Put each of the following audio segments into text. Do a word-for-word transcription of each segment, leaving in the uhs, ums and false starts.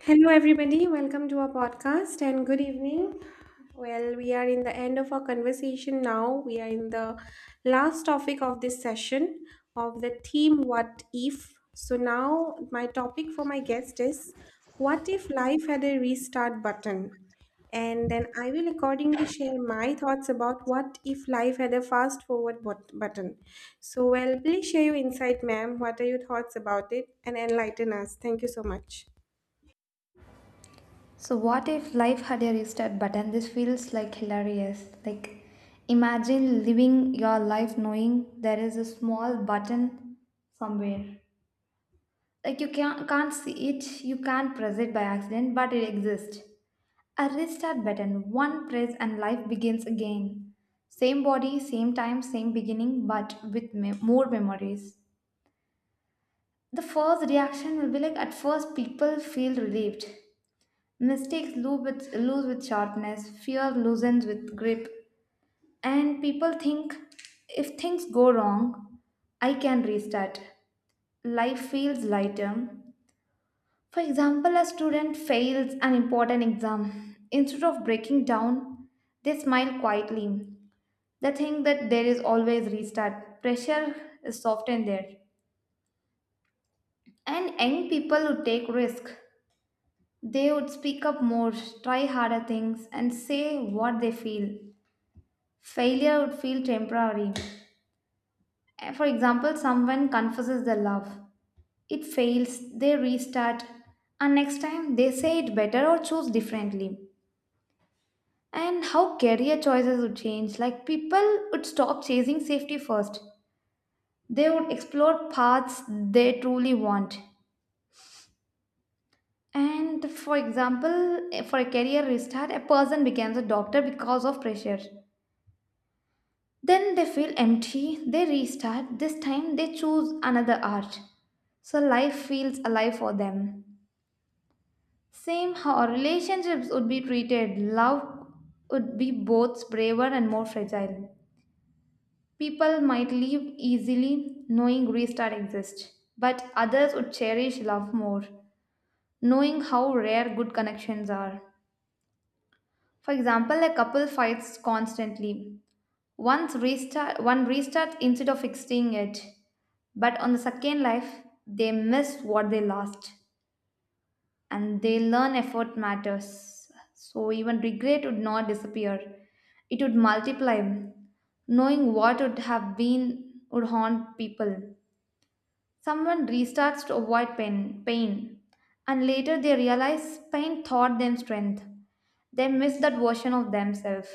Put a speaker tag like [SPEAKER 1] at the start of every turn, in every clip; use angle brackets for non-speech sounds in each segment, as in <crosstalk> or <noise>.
[SPEAKER 1] Hello, everybody. Welcome to our podcast and good evening. Well, we are in the end of our conversation now. We are in the last topic of this session of the theme What If. So, now my topic for my guest is, what if life had a restart button? And then I will accordingly share my thoughts about what if life had a fast forward bot- button. So, well, please share your insight, ma'am. What are your thoughts about it? And enlighten us. Thank you so much.
[SPEAKER 2] So, what if life had a restart button? This feels like hilarious. Like, imagine living your life knowing there is a small button somewhere. Like, you can't, can't see it, you can't press it by accident, but it exists. A restart button, one press, and life begins again. Same body, same time, same beginning, but with me- more memories. The first reaction will be like at first, people feel relieved. Mistakes lose with, lose with sharpness, fear loosens with grip, and people think if things go wrong, I can restart. Life feels lighter. For example, a student fails an important exam. Instead of breaking down, they smile quietly. They think that there is always restart. Pressure is softened there. And young people who take risk, they would speak up more, try harder things, and say what they feel. Failure would feel temporary. Uh, For example, someone confesses their love, it fails, they restart, and next time they say it better or choose differently. And how career choices would change, like people would stop chasing safety first, they would explore paths they truly want. And for example, eh, for a career restart, a person becomes a doctor because of pressure. Then they feel empty, they restart. This time they choose another art. So life feels alive for them. Same how our relationships would be treated, love would be both braver and more fragile. People might leave easily knowing restart exists, but others would cherish love more, knowing how rare good connections are. For example, a couple fights constantly. Once restart, one restarts instead of fixing it. But on the second life, they miss what they lost and they learn effort matters. So even regret would not disappear, it would multiply. Knowing what would have been would haunt people. Someone restarts to avoid pain, pain, and later they realize pain taught them strength. They miss that version of themselves.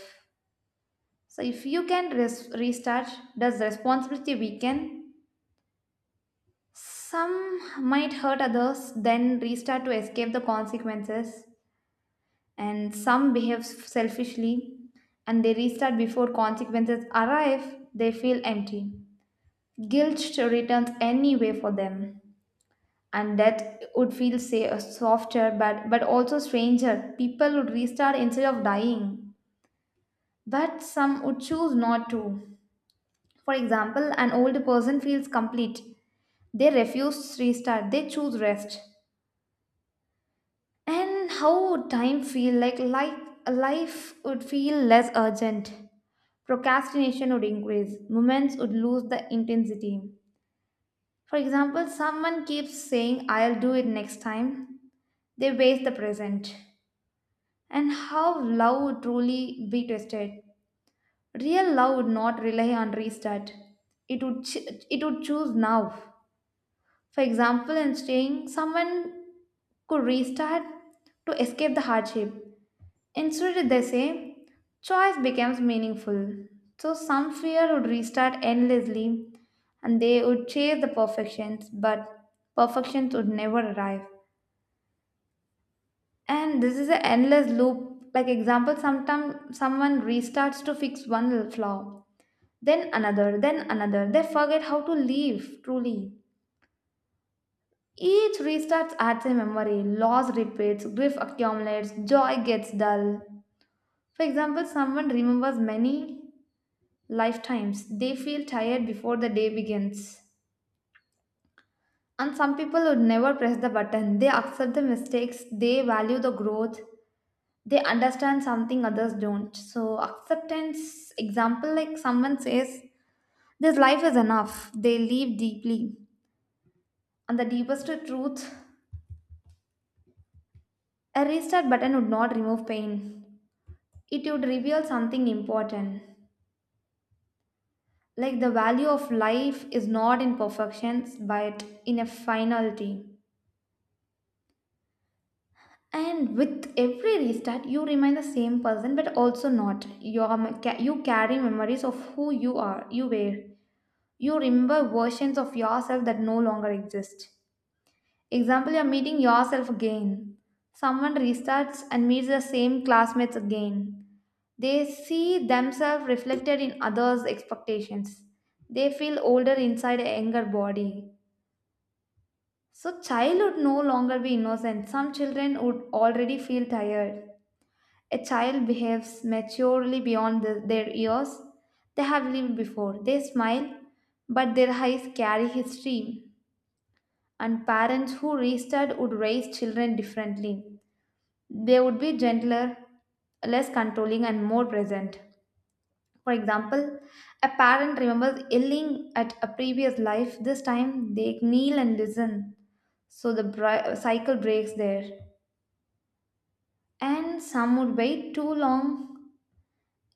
[SPEAKER 2] So if you can res- restart, does responsibility weaken? Some might hurt others, then restart to escape the consequences, and some behave selfishly and they restart before consequences arrive, they feel empty. Guilt returns anyway for them, and death would feel say, softer but, but also stranger. People would restart instead of dying, but some would choose not to. For example, an old person feels complete. They refuse restart. They choose rest. And how would time feel like life, life would feel less urgent. Procrastination would increase. Moments would lose the intensity. For example, someone keeps saying, I'll do it next time. They waste the present. And how love would truly be tested. Real love would not rely on restart. It would, ch- it would choose now. For example, in staying, someone could restart to escape the hardship. Instead, they say, choice becomes meaningful. So some fear would restart endlessly and they would chase the perfections, but perfections would never arrive. And this is an endless loop. Like example, sometimes someone restarts to fix one flaw, then another, then another. They forget how to live truly. Each restarts adds a memory, loss repeats, grief accumulates, joy gets dull. For example, someone remembers many lifetimes. They feel tired before the day begins. And some people would never press the button. They accept the mistakes, they value the growth, they understand something others don't. So, acceptance example like someone says, this life is enough. They live deeply. And the deepest truth, a restart button would not remove pain, it would reveal something important, like the value of life is not in perfections but in a finality. And with every restart you remain the same person, but also not. You are m- ca- you carry memories of who you are you were. You remember versions of yourself that no longer exist. Example, you are meeting yourself again. Someone restarts and meets the same classmates again. They see themselves reflected in others' expectations. They feel older inside a younger body. So, child would no longer be innocent. Some children would already feel tired. A child behaves maturely beyond the- their years, they have lived before. They smile, but their eyes carry history. And parents who restarted would raise children differently. They would be gentler, less controlling, and more present. For example, a parent remembers yelling at a previous life. This time they kneel and listen, so the bri- cycle breaks there. And some would wait too long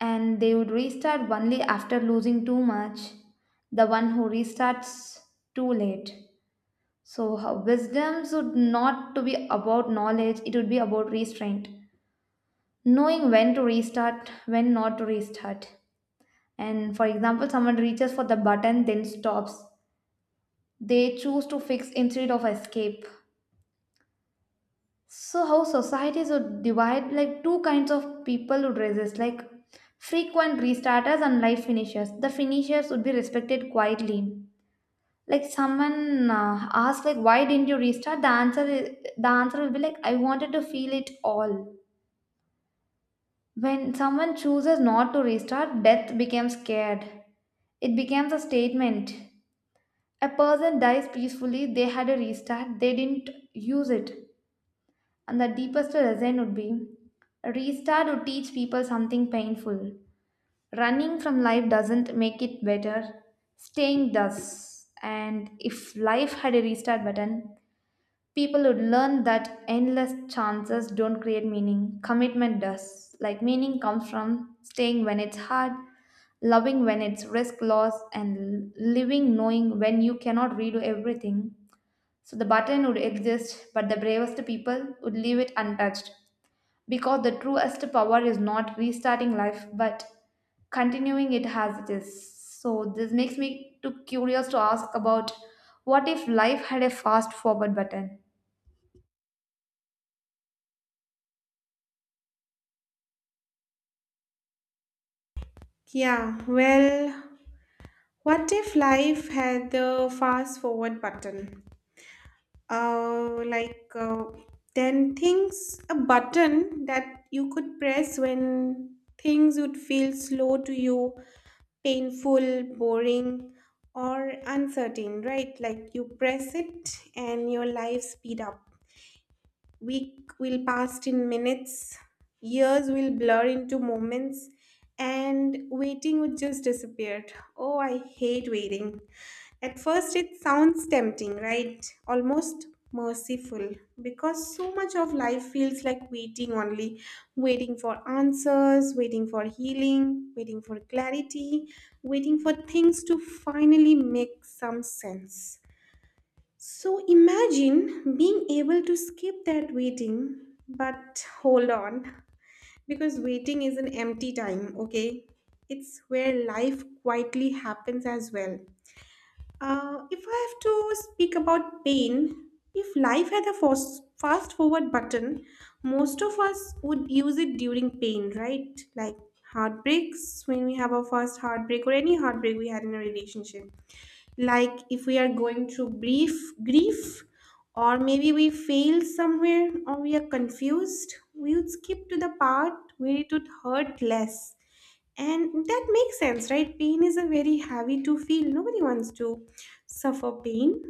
[SPEAKER 2] and they would restart only after losing too much. The one who restarts too late. So, how- wisdom should not to be about knowledge, it would be about restraint. Knowing when to restart, when not to restart. And for example, someone reaches for the button, then stops. They choose to fix instead of escape. So how societies would divide, like two kinds of people would resist, like frequent restarters and life finishers. The finishers would be respected quietly. Like someone uh, asks, like why didn't you restart? The answer is, the answer will be like, I wanted to feel it all. When someone chooses not to restart, death becomes scared. It becomes a statement. A person dies peacefully, they had a restart, they didn't use it. And the deepest lesson would be restart would teach people something painful. Running from life doesn't make it better, staying does. And if life had a restart button, people would learn that endless chances don't create meaning, commitment does. Like, meaning comes from staying when it's hard, loving when it's risk loss, and living knowing when you cannot redo everything. So the button would exist, but the bravest people would leave it untouched, because the truest power is not restarting life but continuing it as it is. So this makes me too curious to ask about, what if life had a fast forward button?
[SPEAKER 1] Yeah, well, what if life had the fast forward button? Uh, like, uh, then things, a button that you could press when things would feel slow to you, painful, boring, or uncertain, right? Like, you press it and your life speed up. Week will pass in minutes, years will blur into moments, and waiting would just disappear. Oh, I hate waiting. At first, it sounds tempting, right? Almost merciful because so much of life feels like waiting, only waiting for answers, waiting for healing, waiting for clarity, waiting for things to finally make some sense. So imagine being able to skip that waiting, but hold on, because waiting is an empty time, okay? It's where life quietly happens as well. Uh, if I have to speak about pain, if life had a fast fast forward button, most of us would use it during pain, right? Like heartbreaks, when we have our first heartbreak or any heartbreak we had in a relationship, like if we are going through brief grief, or maybe we failed somewhere or we are confused, we would skip to the part where it would hurt less. And that makes sense, right? Pain is a very heavy to feel, nobody wants to suffer pain.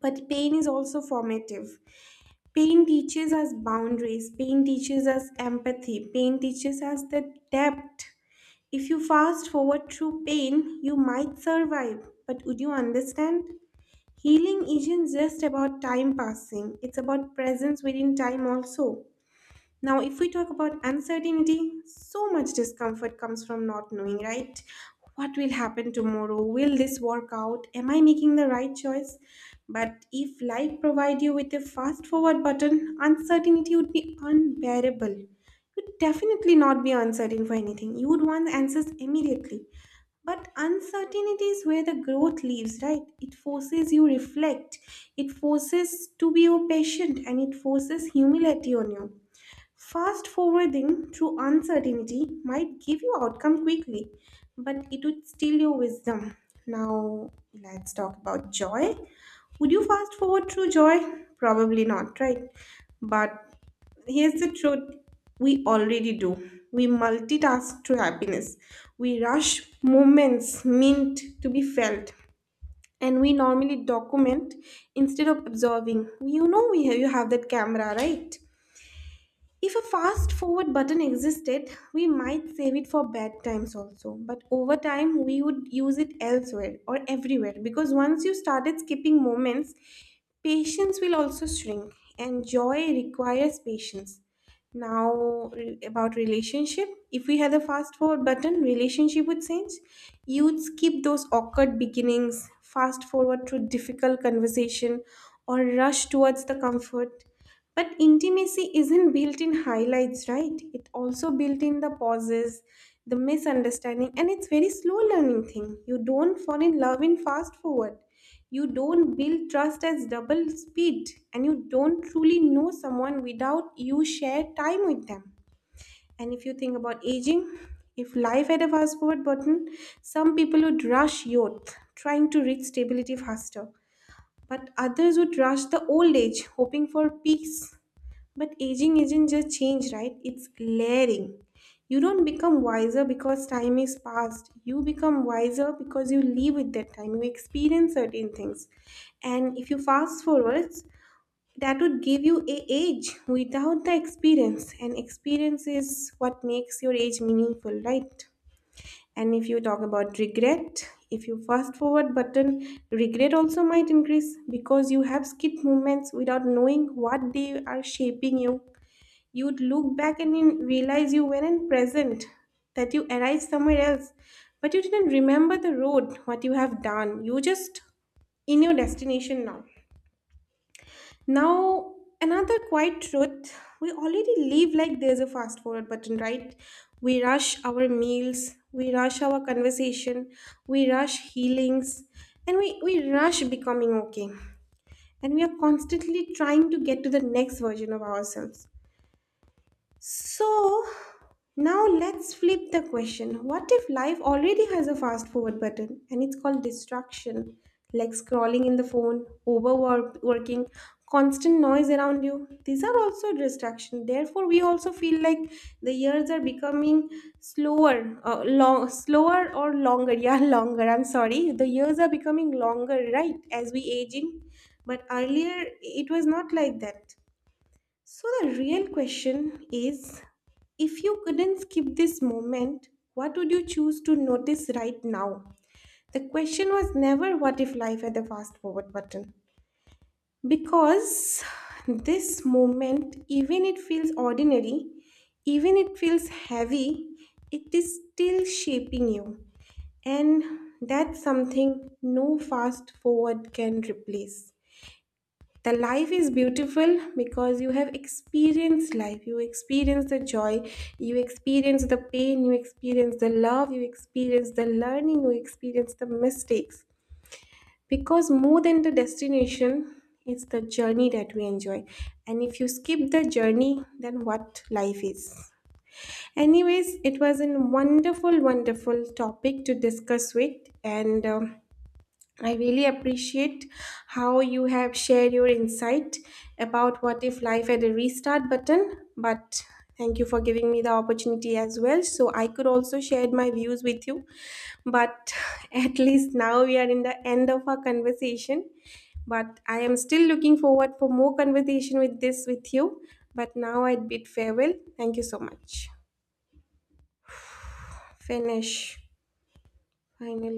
[SPEAKER 1] But pain is also formative. Pain teaches us boundaries, pain teaches us empathy, pain teaches us the depth. If you fast forward through pain, you might survive, but would you understand? Healing isn't just about time passing, it's about presence within time also. Now, if we talk about uncertainty, so much discomfort comes from not knowing, right? What will happen tomorrow? Will this work out? Am I making the right choice? But if life provide you with a fast forward button, uncertainty would be unbearable. You'd definitely not be uncertain for anything. You would want answers immediately. But uncertainty is where the growth lives, right? It forces you reflect. It forces to be your patient, and it forces humility on you. Fast forwarding through uncertainty might give you outcome quickly, but it would steal your wisdom. Now let's talk about joy. Would you fast forward through joy? Probably not, right? But here's the truth, we already do. We multitask to happiness. We rush moments meant to be felt. And we normally document instead of observing. You know we have, you have that camera, right? If a fast forward button existed, we might save it for bad times also. But over time, we would use it elsewhere or everywhere, because once you started skipping moments, patience will also shrink, and joy requires patience. Now, re- about relationship, if we had the fast forward button, relationship would change. You'd skip those awkward beginnings, fast forward through difficult conversation, or rush towards the comfort. But intimacy isn't built in highlights, right? It also built in the pauses, the misunderstanding, and it's very slow learning thing. You don't fall in love in fast forward. You don't build trust as double speed, and you don't truly know someone without you share time with them. And if you think about aging, if life had a fast forward button, some people would rush youth, trying to reach stability faster, but others would rush the old age, hoping for peace. But aging isn't just change, right? It's layering. You don't become wiser because time is past. You become wiser because you live with that time. You experience certain things. And if you fast forwards, that would give you a age without the experience. And experience is what makes your age meaningful, right? And if you talk about regret, if you fast forward button, regret also might increase because you have skip movements without knowing what they are shaping you. You'd look back and in- realize you weren't present, that you arrived somewhere else, but you didn't remember the road, what you have done. You just in your destination now. Now, another quiet truth, we already live like there's a fast forward button, right? We rush our meals, we rush our conversation, we rush healings, and we, we rush becoming okay. And we are constantly trying to get to the next version of ourselves. So now let's flip the question. What if life already has a fast forward button, and it's called distraction? Like scrolling in the phone, overworking, constant noise around you. These are also distraction. Therefore, we also feel like the years are becoming slower, uh, long, slower or longer. Yeah, <laughs> longer. I'm sorry. The years are becoming longer, right? As we aging, but earlier it was not like that. So, the real question is, if you couldn't skip this moment, what would you choose to notice right now? The question was never what if life had a fast forward button. Because this moment, even it feels ordinary, even it feels heavy, it is still shaping you. And that's something no fast forward can replace. The life is beautiful because you have experienced life. You experience the joy, you experience the pain, you experience the love, you experience the learning, you experience the mistakes. Because more than the destination, it's the journey that we enjoy. And if you skip the journey, then what life is? Anyways, it was a wonderful, wonderful topic to discuss with, and um, I really appreciate how you have shared your insight about what if life had a restart button. But thank you for giving me the opportunity as well, so I could also share my views with you. But <laughs> at least now we are in the end of our conversation. But I am still looking forward for more conversation with this with you. But now I bid farewell. Thank you so much. Finish. Finally.